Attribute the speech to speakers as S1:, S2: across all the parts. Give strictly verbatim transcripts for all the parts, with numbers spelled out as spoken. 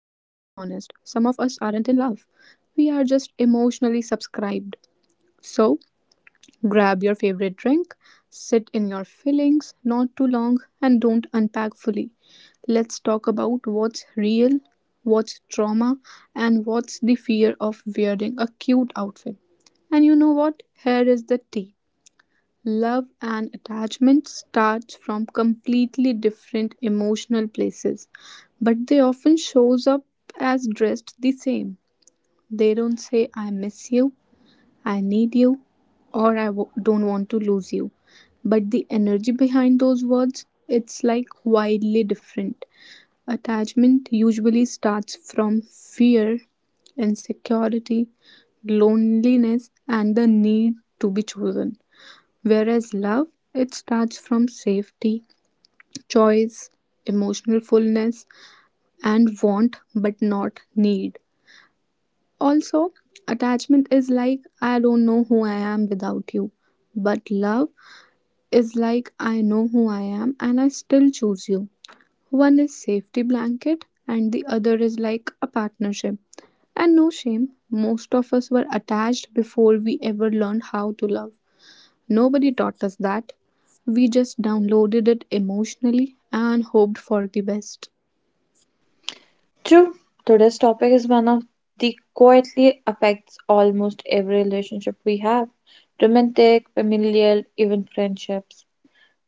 S1: aren't in love. We are just emotionally subscribed. So, grab your favorite drink, sit in your feelings, not too long, and don't unpack fully. Let's talk about what's real, what's trauma, and what's the fear of wearing a cute outfit. And you know what? Here is the tea. Love and attachment starts from completely different emotional places, but they often shows up as dressed the same. They don't say I miss you. I need you, or I w- don't want to lose you. But the energy behind those words, it's like wildly different. Attachment usually starts from fear, insecurity, loneliness, and the need to be chosen. Whereas love, it starts from safety, choice, emotional fullness, and want but not need. Also, attachment is like I don't know who I am without you. But love is like I know who I am and I still choose you. One is safety blanket and the other is like a partnership. And no shame, most of us were attached before we ever learned how to love. Nobody taught us that. We just downloaded it emotionally and hoped for the best.
S2: True, today's topic is one of the quietly affects almost every relationship we have romantic, familial, even friendships.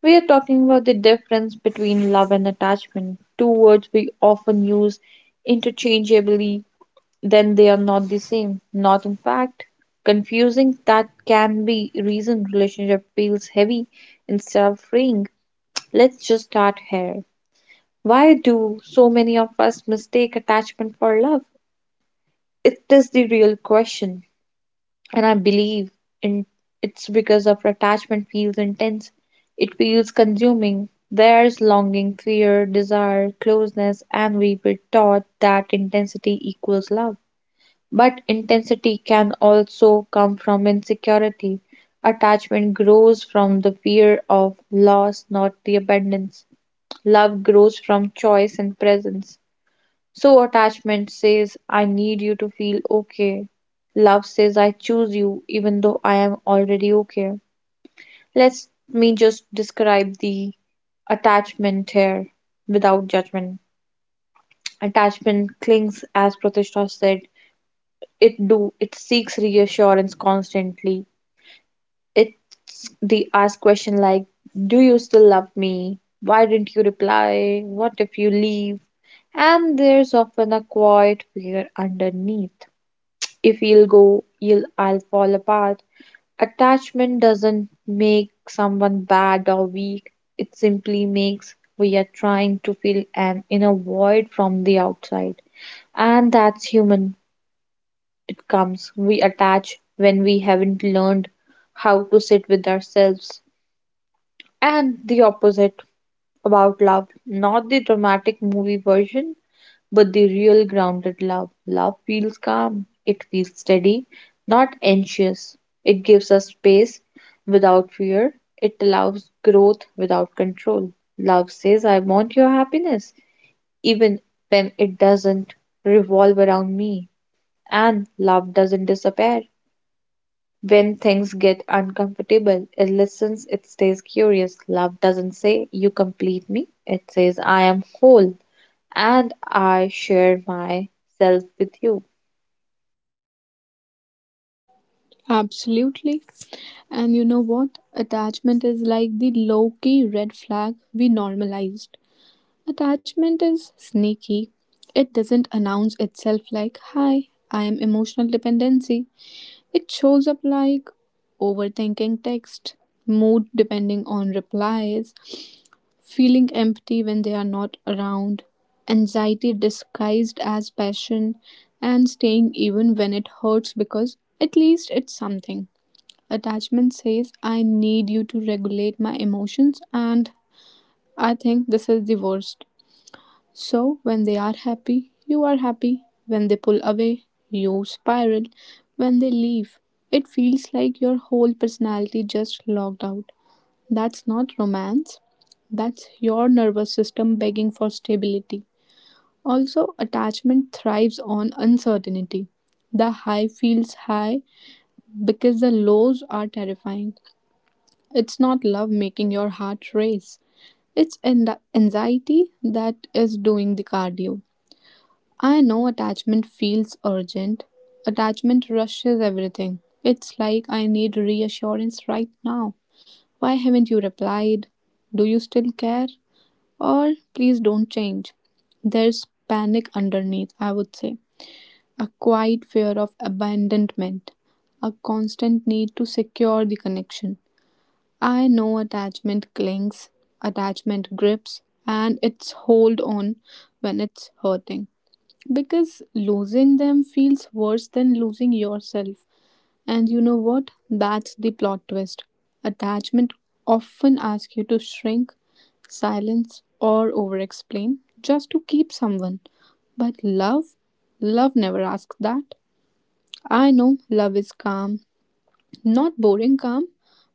S2: We are talking about the difference between love and attachment, two words we often use interchangeably, then they are not the same, not in fact. Confusing that can be reason relationship feels heavy instead of freeing. Let's just start here. Why do so many of us mistake attachment for love? It is the real question, and I believe in it's because our attachment feels intense. It feels consuming. There's longing, fear, desire, closeness, and we were taught that intensity equals love. But intensity can also come from insecurity. Attachment grows from the fear of loss, not the abundance. Love grows from choice and presence. So, attachment says, I need you to feel okay. Love says, I choose you even though I am already okay. Let me just describe the attachment here without judgment. Attachment clings, as Pratishtha said, it do it seeks reassurance constantly. It's the ask question like, do you still love me? Why didn't you reply? What if you leave? And there's often a quiet fear underneath. If you'll go, you'll I'll fall apart. Attachment doesn't make someone bad or weak. It simply makes we are trying to fill an inner void from the outside. And that's human. It comes. We attach when we haven't learned how to sit with ourselves. And the opposite about love, not the dramatic movie version, but the real grounded love. Love feels calm, it feels steady, not anxious. It gives us space without fear, it allows growth without control. Love says, I want your happiness, even when it doesn't revolve around me. And love doesn't disappear. When things get uncomfortable, it listens, it stays curious. Love doesn't say, you complete me. It says, I am whole and I share myself with you.
S1: Absolutely. And you know what? Attachment is like the low key red flag we normalized. Attachment is sneaky. It doesn't announce itself like, Hi, I am emotional dependency. It shows up like overthinking text, mood depending on replies, feeling empty when they are not around, anxiety disguised as passion, and staying even when it hurts because at least it's something. Attachment says, I need you to regulate my emotions, and I think this is the worst. So, when they are happy, you are happy. When they pull away, you spiral. When they leave, it feels like your whole personality just logged out. That's not romance, that's your nervous system begging for stability. Also, attachment thrives on uncertainty. The high feels high because the lows are terrifying. It's not love making your heart race. It's an- anxiety that is doing the cardio. I know attachment feels urgent. Attachment rushes everything. It's like I need reassurance right now. Why haven't you replied? Do you still care? Or please don't change. There's panic underneath, I would say. A quiet fear of abandonment. A constant need to secure the connection. I know attachment clings, attachment grips, and it's hold on when it's hurting. Because losing them feels worse than losing yourself. And you know what? That's the plot twist. Attachment often asks you to shrink, silence, or over explain just to keep someone. But love, love never asks that. I know love is calm, not boring calm,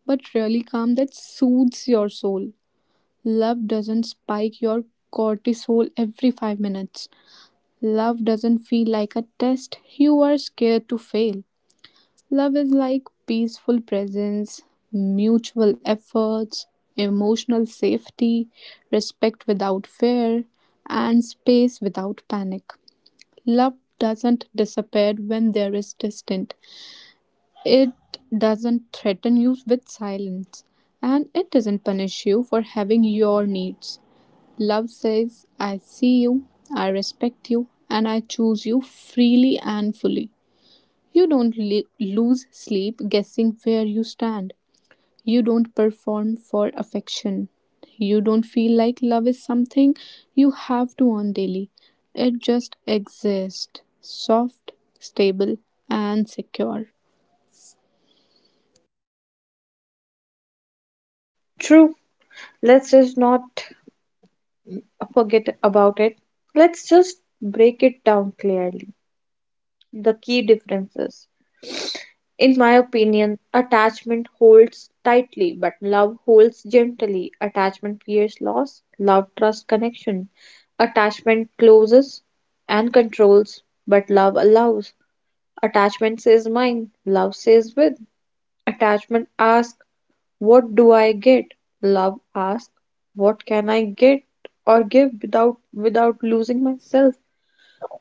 S1: but really calm that soothes your soul. Love doesn't spike your cortisol every five minutes. Love doesn't feel like a test you are scared to fail. Love is like peaceful presence, mutual efforts, emotional safety, respect without fear, and space without panic. Love doesn't disappear when there is distance. It doesn't threaten you with silence, and it doesn't punish you for having your needs. Love says, I see you, I respect you, and I choose you freely and fully. You don't le- lose sleep guessing where you stand. You don't perform for affection. You don't feel like love is something you have to earn daily. It just exists, soft, stable, and secure.
S2: True, let's just not forget about it. Let's just break it down clearly. The key differences. In my opinion, attachment holds tightly, but love holds gently. Attachment fears loss, love trusts connection. Attachment closes and controls, but love allows. Attachment says mine, love says with. Attachment asks what do I get? Love asks. What can I get or give without without losing myself?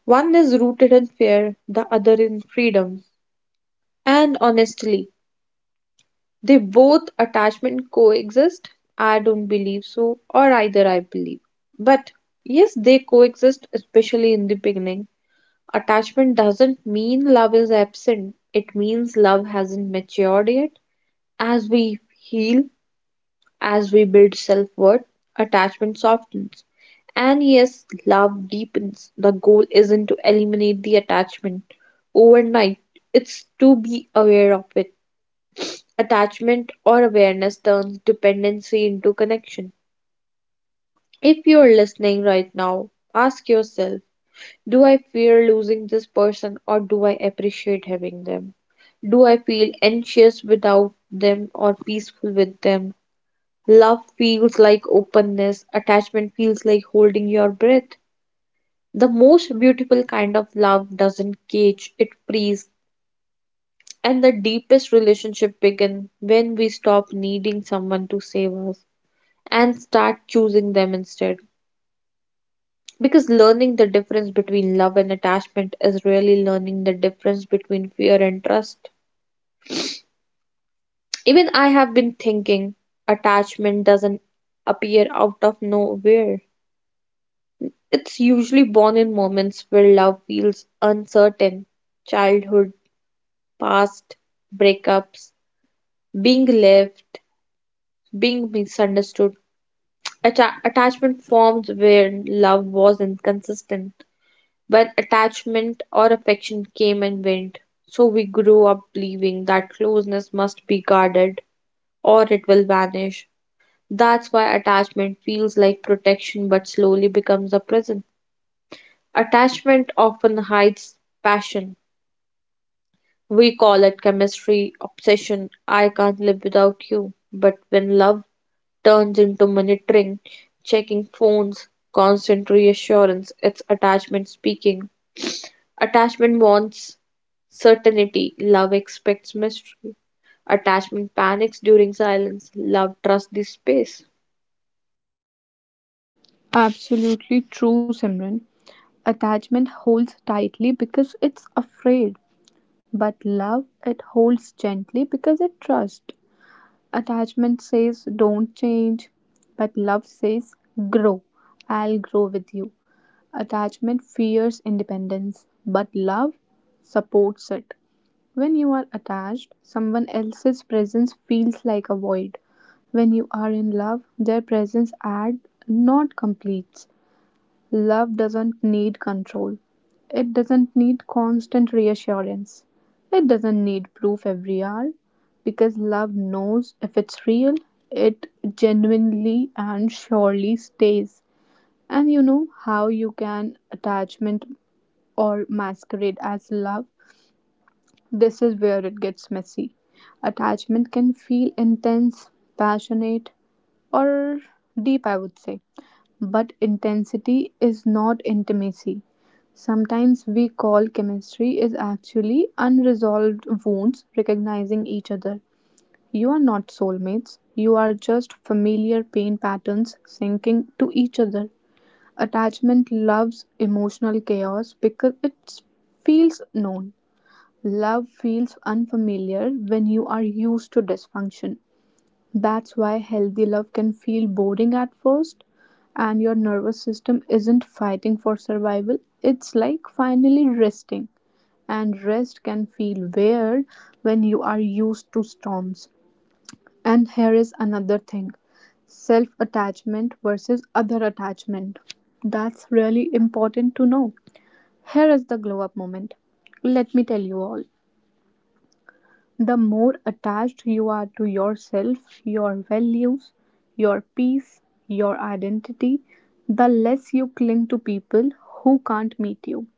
S2: One is rooted in fear, the other in freedom. And honestly, they both attachment coexist. I don't believe so, or either I believe. But yes, they coexist, especially in the beginning. Attachment doesn't mean love is absent, it means love hasn't matured yet. As we heal, as we build self worth, attachment softens. And yes, love deepens. The goal isn't to eliminate the attachment overnight, it's to be aware of it. Attachment or awareness turns dependency into connection. If you're listening right now, ask yourself, do I fear losing this person or do I appreciate having them? Do I feel anxious without them or peaceful with them? Love feels like openness, attachment feels like holding your breath. The most beautiful kind of love doesn't cage, it frees. And the deepest relationship begins when we stop needing someone to save us and start choosing them instead. Because learning the difference between love and attachment is really learning the difference between fear and trust. Even I have been thinking attachment doesn't appear out of nowhere. It's usually born in moments where love feels uncertain, childhood, past, breakups, being left, being misunderstood. Atta- attachment forms where love was inconsistent, when attachment or affection came and went. So we grew up believing that closeness must be guarded or it will vanish. That's why attachment feels like protection but slowly becomes a prison. Attachment often hides passion. We call it chemistry, obsession, I can't live without you. But when love turns into monitoring, checking phones, constant reassurance, it's attachment speaking. Attachment wants certainty, love expects mystery. Attachment panics during silence, love trusts the space.
S1: Absolutely true, Simran. Attachment holds tightly because it's afraid, but love it holds gently because it trusts. Attachment says don't change, but love says grow. I'll grow with you. Attachment fears independence, but love supports it. When you are attached, someone else's presence feels like a void. When you are in love, their presence adds, not completes. Love doesn't need control. It doesn't need constant reassurance. It doesn't need proof every hour because love knows if it's real, it genuinely and surely stays. And you know how you can attachment or masquerade as love? This is where it gets messy. Attachment can feel intense, passionate, or deep, I would say. But intensity is not intimacy. Sometimes we call chemistry is actually unresolved wounds recognizing each other. You are not soulmates, you are just familiar pain patterns sinking to each other. Attachment loves emotional chaos because it feels known. Love feels unfamiliar when you are used to dysfunction. That's why healthy love can feel boring at first, and your nervous system isn't fighting for survival. It's like finally resting, and rest can feel weird when you are used to storms. And here is another thing self attachment versus other attachment. That's really important to know. Here is the glow up moment. Let me tell you all. The more attached you are to yourself, your values, your peace, your identity, the less you cling to people who can't meet you.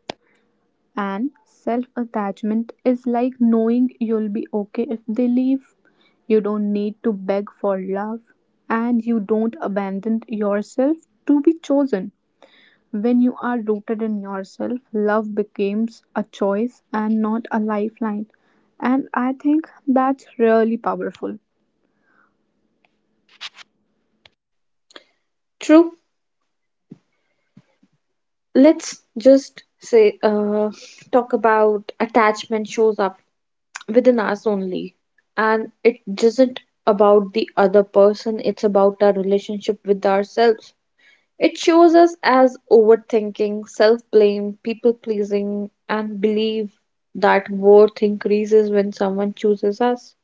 S1: And self attachment is like knowing you'll be okay if they leave. You don't need to beg for love, and you don't abandon yourself to be chosen. When you are rooted in yourself, love becomes a choice and not a lifeline. And I think that's really powerful.
S2: True, let's just say, uh, talk about attachment shows up within us only. And it isn't about the other person, it's about our relationship with ourselves. It shows us as overthinking, self blame, people pleasing, and believe that worth increases when someone chooses us.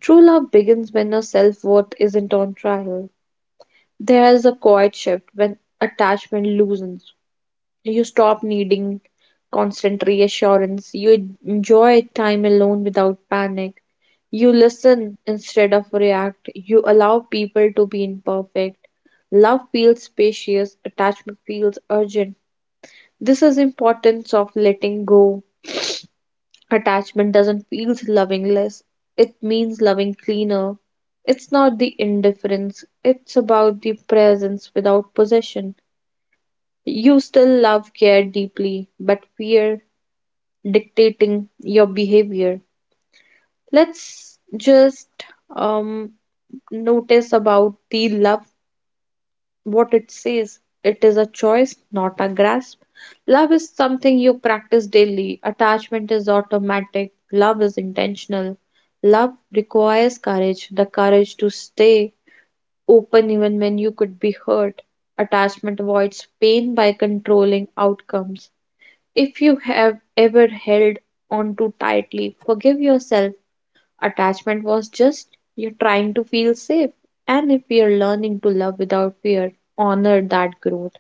S2: True love begins when our self worth isn't on trial. There is a quiet shift when attachment loosens, you stop needing constant reassurance. You enjoy time alone without panic. You listen instead of react. You allow people to be imperfect. Love feels spacious, attachment feels urgent. This is importance of letting go. Attachment doesn't feel lovingless. It means loving cleaner. It's not the indifference. It's about the presence without possession. You still love care deeply, but fear dictating your behavior. Let's just um, notice about the love, what it says. It is a choice, not a grasp. Love is something you practice daily. Attachment is automatic. Love is intentional. Love requires courage, the courage to stay open even when you could be hurt. Attachment avoids pain by controlling outcomes. If you have ever held on too tightly, forgive yourself. Attachment was just you're trying to feel safe. And if we are learning to love without fear, honor that growth.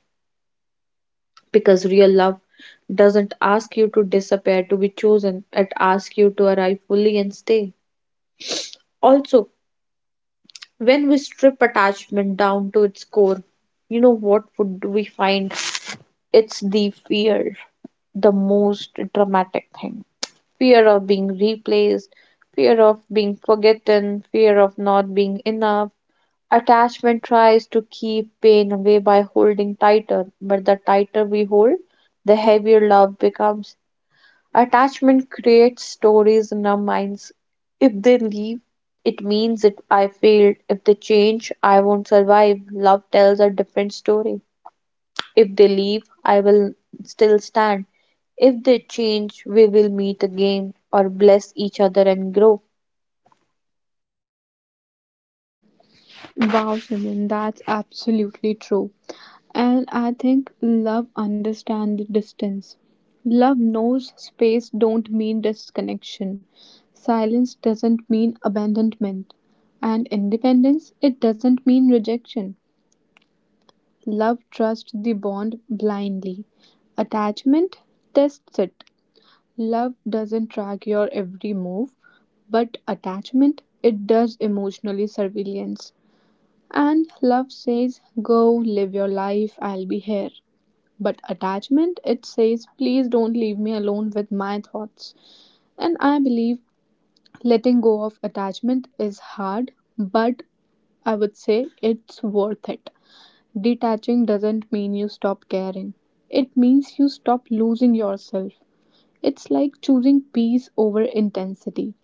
S2: Because real love doesn't ask you to disappear to be chosen, it asks you to arrive fully and stay. Also, when we strip attachment down to its core, you know what would we find? It's the fear, the most dramatic thing. Fear of being replaced, fear of being forgotten, fear of not being enough. Attachment tries to keep pain away by holding tighter, but the tighter we hold, the heavier love becomes. Attachment creates stories in our minds. If they leave, it means that I failed. If they change, I won't survive. Love tells a different story. If they leave, I will still stand. If they change, we will meet again or bless each other and grow.
S1: Wow, Simran, that's absolutely true. And I think love understands distance. Love knows space don't mean disconnection. Silence doesn't mean abandonment. And independence, it doesn't mean rejection. Love trusts the bond blindly. Attachment tests it. Love doesn't track your every move, but attachment, it does emotionally surveillance. And love says, Go, live your life, I'll be here. But attachment, it says, Please don't leave me alone with my thoughts. And I believe letting go of attachment is hard, but I would say it's worth it. Detaching doesn't mean you stop caring. It means you stop losing yourself. It's like choosing peace over intensity,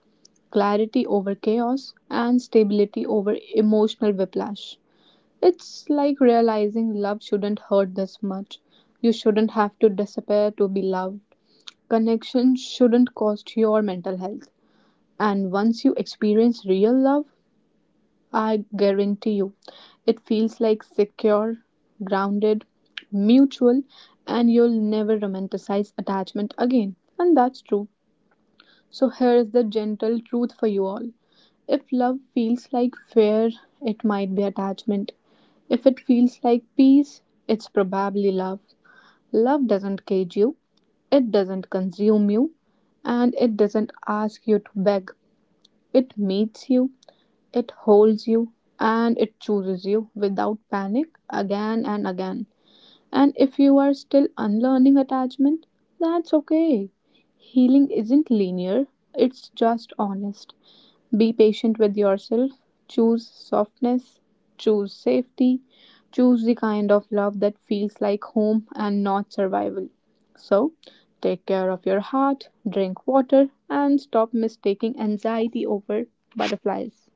S1: clarity over chaos, and stability over emotional whiplash. It's like realizing love shouldn't hurt this much. You shouldn't have to disappear to be loved. Connection shouldn't cost your mental health. And once you experience real love, I guarantee you, it feels like secure, grounded, mutual, and you'll never romanticize attachment again. And that's true. So, here is the gentle truth for you all. If love feels like fear, it might be attachment. If it feels like peace, it's probably love. Love doesn't cage you, it doesn't consume you, and it doesn't ask you to beg. It meets you, it holds you, and it chooses you without panic again and again. And if you are still unlearning attachment, that's okay. Healing isn't linear, it's just honest. Be patient with yourself, choose softness, choose safety, choose the kind of love that feels like home and not survival. So, take care of your heart, drink water, and stop mistaking anxiety over butterflies.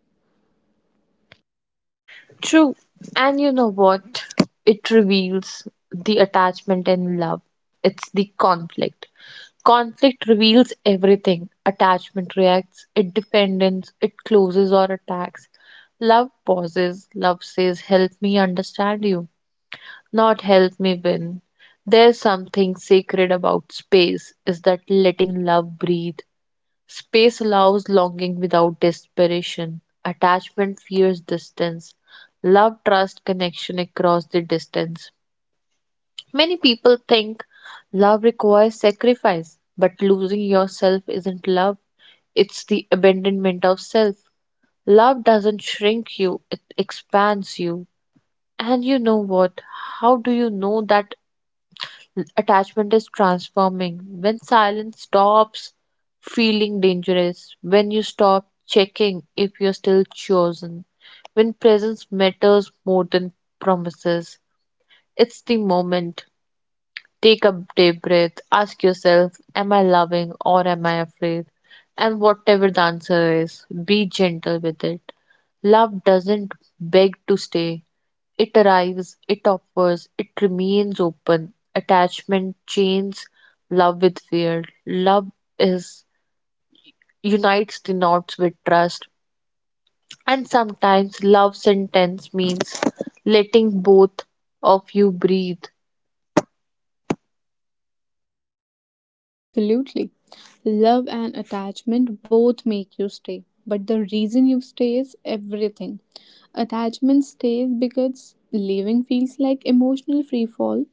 S2: True. And you know what? It reveals the attachment and love. It's the conflict. Conflict reveals everything. Attachment reacts, it defends, it closes or attacks. Love pauses. Love says, help me understand you, not help me win. There's something sacred about space is that letting love breathe. Space allows longing without desperation. Attachment fears distance. Love trusts connection across the distance. Many people think love requires sacrifice, but losing yourself isn't love, it's the abandonment of self. Love doesn't shrink you, it expands you. And you know what? How do you know that attachment is transforming? When silence stops feeling dangerous, when you stop checking if you're still chosen, when presence matters more than promises. It's the moment. Take a deep breath. Ask yourself, am I loving or am I afraid? And whatever the answer is, be gentle with it. Love doesn't beg to stay, it arrives, it offers, it remains open. Attachment chains love with fear. Love is unites the knots with trust. And sometimes love sentence means letting both of you breathe.
S1: Absolutely. Love and attachment both make you stay, but the reason you stay is everything. Attachment stays because leaving feels like emotional free fall,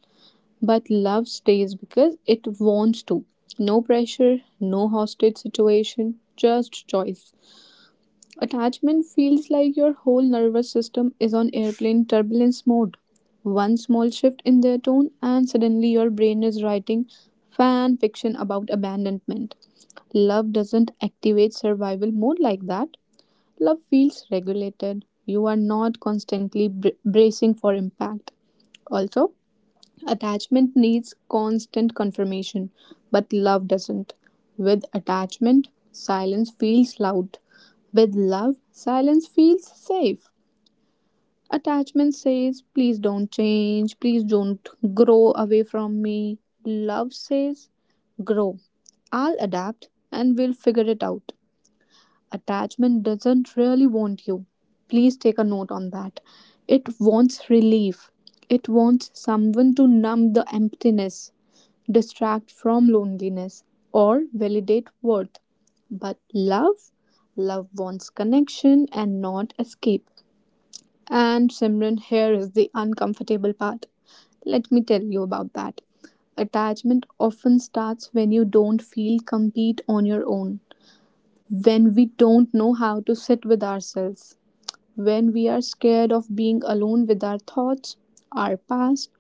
S1: but love stays because it wants to. No pressure, no hostage situation, just choice. Attachment feels like your whole nervous system is on airplane turbulence mode. One small shift in their tone, and suddenly your brain is writing fan fiction about abandonment. Love doesn't activate survival mode like that. Love feels regulated. You are not constantly br- bracing for impact. Also, attachment needs constant confirmation, but love doesn't. With attachment, silence feels loud. With love, silence feels safe. Attachment says, please don't change, please don't grow away from me. Love says, grow. I'll adapt and we'll figure it out. Attachment doesn't really want you. Please take a note on that. It wants relief, it wants someone to numb the emptiness distract from loneliness, or validate worth. But love, love wants connection and not escape. And Simran, here is the uncomfortable part. Let me tell you about that. Attachment often starts when you don't feel complete on your own, when we don't know how to sit with ourselves. When we are scared of being alone with our thoughts, our past,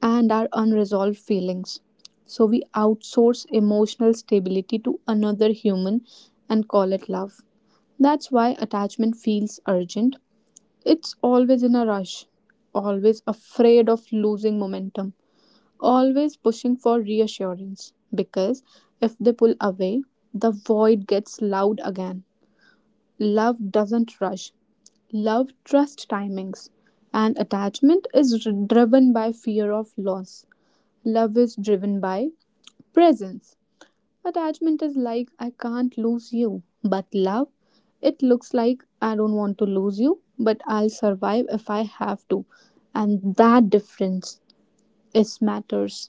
S1: and our unresolved feelings. So we outsource emotional stability to another human and call it love. That's why attachment feels urgent. It's always in a rush, always afraid of losing momentum, always pushing for reassurance. Because if they pull away, the void gets loud again. Love doesn't rush, love trust timings and attachment is dri- driven by fear of loss. Love is driven by presence. Attachment is like I can't lose you, but love it looks like I don't want to lose you, but I'll survive if I have to. And that difference is matters.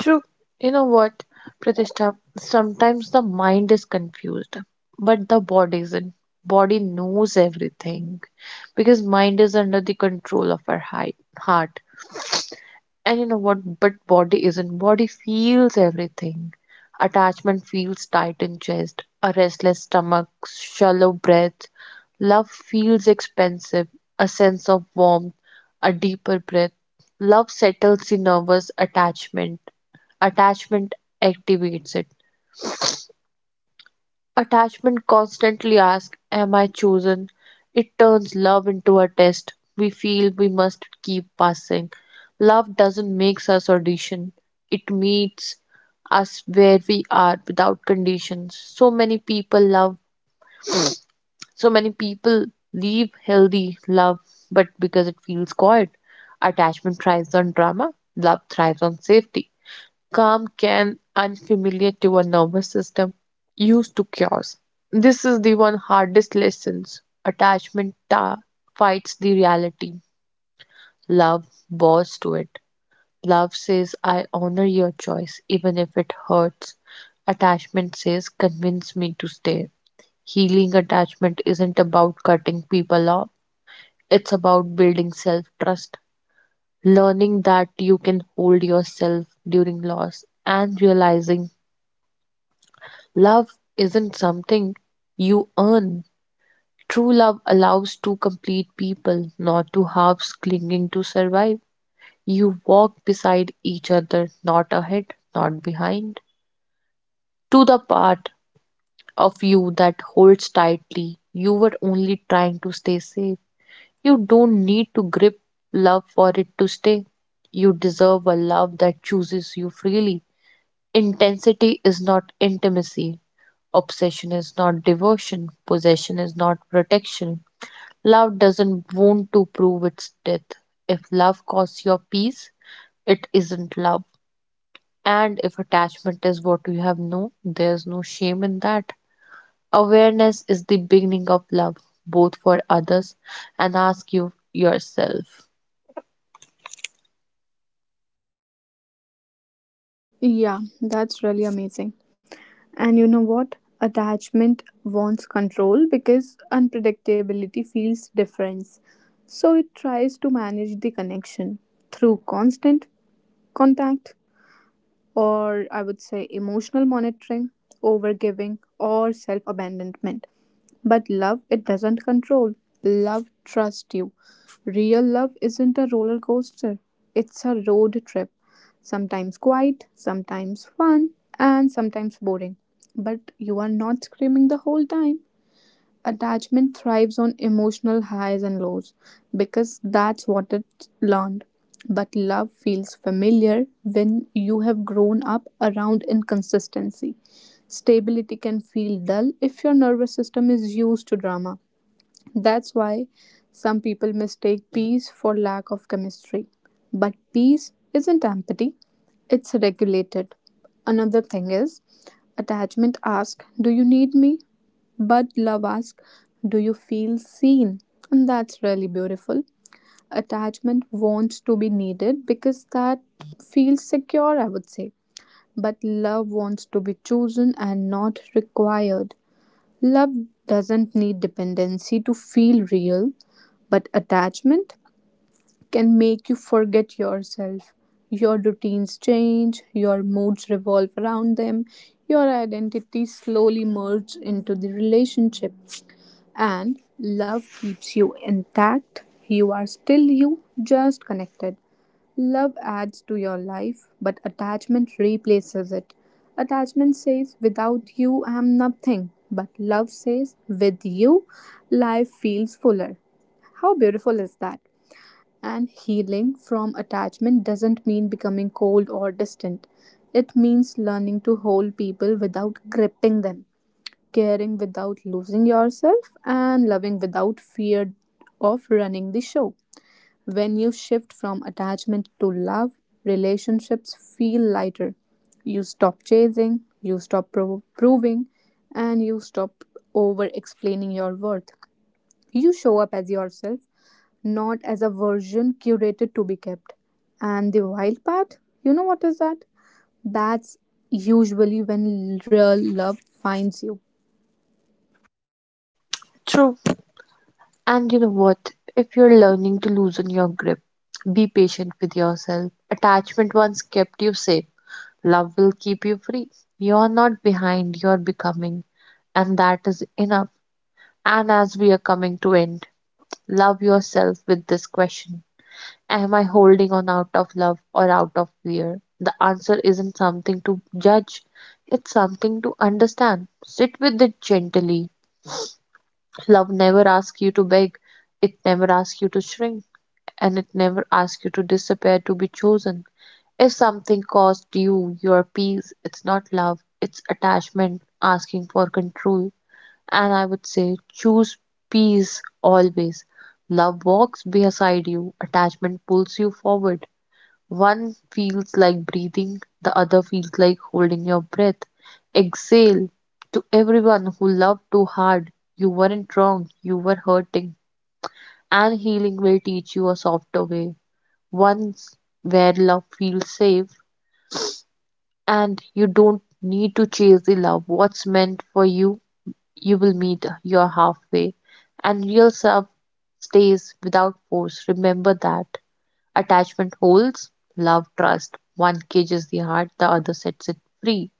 S2: True. You know what, Pratishtha? Sometimes the mind is confused, but the body isn't. Body knows everything because mind is under the control of our hi- heart. And you know what? But body isn't. Body feels everything. Attachment feels tight in chest, a restless stomach, shallow breath. Love feels expensive, a sense of warmth, a deeper breath. Love settles the nervous attachment. Attachment activates it. Attachment constantly asks, am I chosen? It turns love into a test we feel we must keep passing. Love doesn't make us audition, it meets us where we are without conditions. So many people love, so many people leave healthy love, but because it feels quiet. Attachment thrives on drama, love thrives on safety, calm can unfamiliar to a nervous system used to chaos. This is the one hardest lessons. Attachment ta- fights the reality. Love bows to it. Love says, I honor your choice, even if it hurts. Attachment says, convince me to stay. Healing attachment isn't about cutting people off, it's about building self trust, learning that you can hold yourself during loss, and realizing love isn't something you earn. True love allows two complete people, not two halves clinging to survive. You walk beside each other, not ahead, not behind. To the part of you that holds tightly, you were only trying to stay safe. You don't need to grip love for it to stay. You deserve a love that chooses you freely. Intensity is not intimacy, obsession is not devotion. Possession is not protection. Love doesn't want to prove its death. If love costs your peace, it isn't love. And if attachment is what you have known, there's no shame in that. Awareness is the beginning of love, both for others and ask you yourself.
S1: Yeah, that's really amazing. And you know what? Attachment wants control because unpredictability feels difference. So it tries to manage the connection through constant contact or I would say emotional monitoring, overgiving or self-abandonment. But love, it doesn't control. Love trusts you. Real love isn't a roller coaster, it's a road trip. Sometimes quiet, sometimes fun, and sometimes boring. But you are not screaming the whole time attachment thrives on emotional highs and lows because that's what it learned. But love feels familiar when you have grown up around inconsistency. Stability can feel dull if your nervous system is used to drama. That's why some people mistake peace for lack of chemistry. But peace isn't empty, it's regulated. Another thing is attachment asks, Do you need me? But love asks, Do you feel seen? And that's really beautiful. Attachment wants to be needed because that feels secure, I would say. But love wants to be chosen and not required. Love doesn't need dependency to feel real, but attachment can make you forget yourself. Your routines change, your moods revolve around them, your identity slowly merges into the relationship. And love keeps you intact. You are still you, just connected. Love adds to your life, but attachment replaces it. Attachment says, Without you, I am nothing. But love says, With you, life feels fuller. How beautiful is that? And healing from attachment doesn't mean becoming cold or distant. It means learning to hold people without gripping them, caring without losing yourself, and loving without fear of running the show. When you shift from attachment to love, relationships feel lighter. You stop chasing, you stop pro- proving, and you stop over explaining your worth. You show up as yourself, not as a version curated to be kept. And the wild part, you know what is that? That's usually when real love finds you.
S2: True. And you know what? If you're learning to loosen your grip, be patient with yourself. Attachment once kept you safe, love will keep you free. You are not behind, you are becoming, and that is enough. And as we are coming to end, love yourself with this question. Am I holding on out of love or out of fear? The answer isn't something to judge, it's something to understand. Sit with it gently, love never asks you to beg, it never asks you to shrink, and it never asks you to disappear to be chosen. If something costs you your peace, it's not love, it's attachment asking for control. And I would say choose peace always. Love walks beside you, attachment pulls you forward. One feels like breathing, the other feels like holding your breath. Exhale to everyone who loved too hard. You weren't wrong, you were hurting. And healing will teach you a softer way, once where love feels safe and you don't need to chase the love. What's meant for you, you will meet your halfway. And real self stays without force. Remember that. Attachment holds, love trust. One cages the heart, the other sets it free.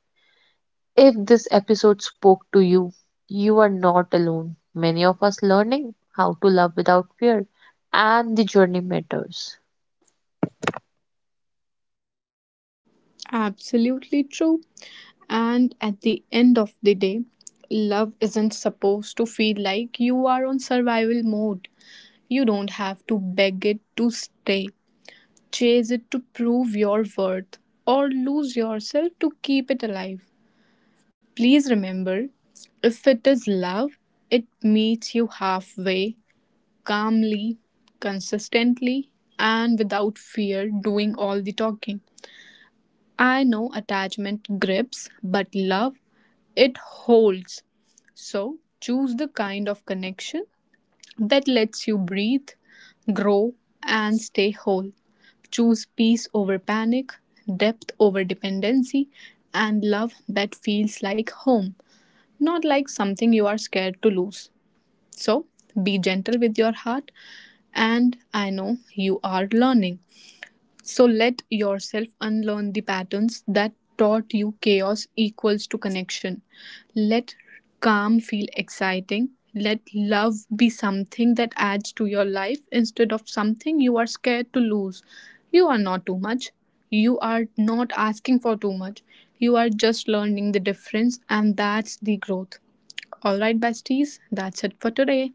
S2: If this episode spoke to you, you are not alone. Many of us learning how to love without fear, and the journey matters.
S1: Absolutely true. And at the end of the day, love isn't supposed to feel like you are on survival mode. You don't have to beg it to stay, chase it to prove your worth, or lose yourself to keep it alive. Please remember if it is love, it meets you halfway, calmly, consistently, and without fear doing all the talking. I know attachment grips, but love, it holds. So choose the kind of connection that lets you breathe, grow, and stay whole. Choose peace over panic, depth over dependency, and love that feels like home, not like something you are scared to lose. So be gentle with your heart, and I know you are learning. So let yourself unlearn the patterns that taught you chaos equals to connection. Let calm feel exciting. Let love be something that adds to your life instead of something you are scared to lose. You are not too much. You are not asking for too much. You are just learning the difference, and that's the growth. All right, besties, that's it for today.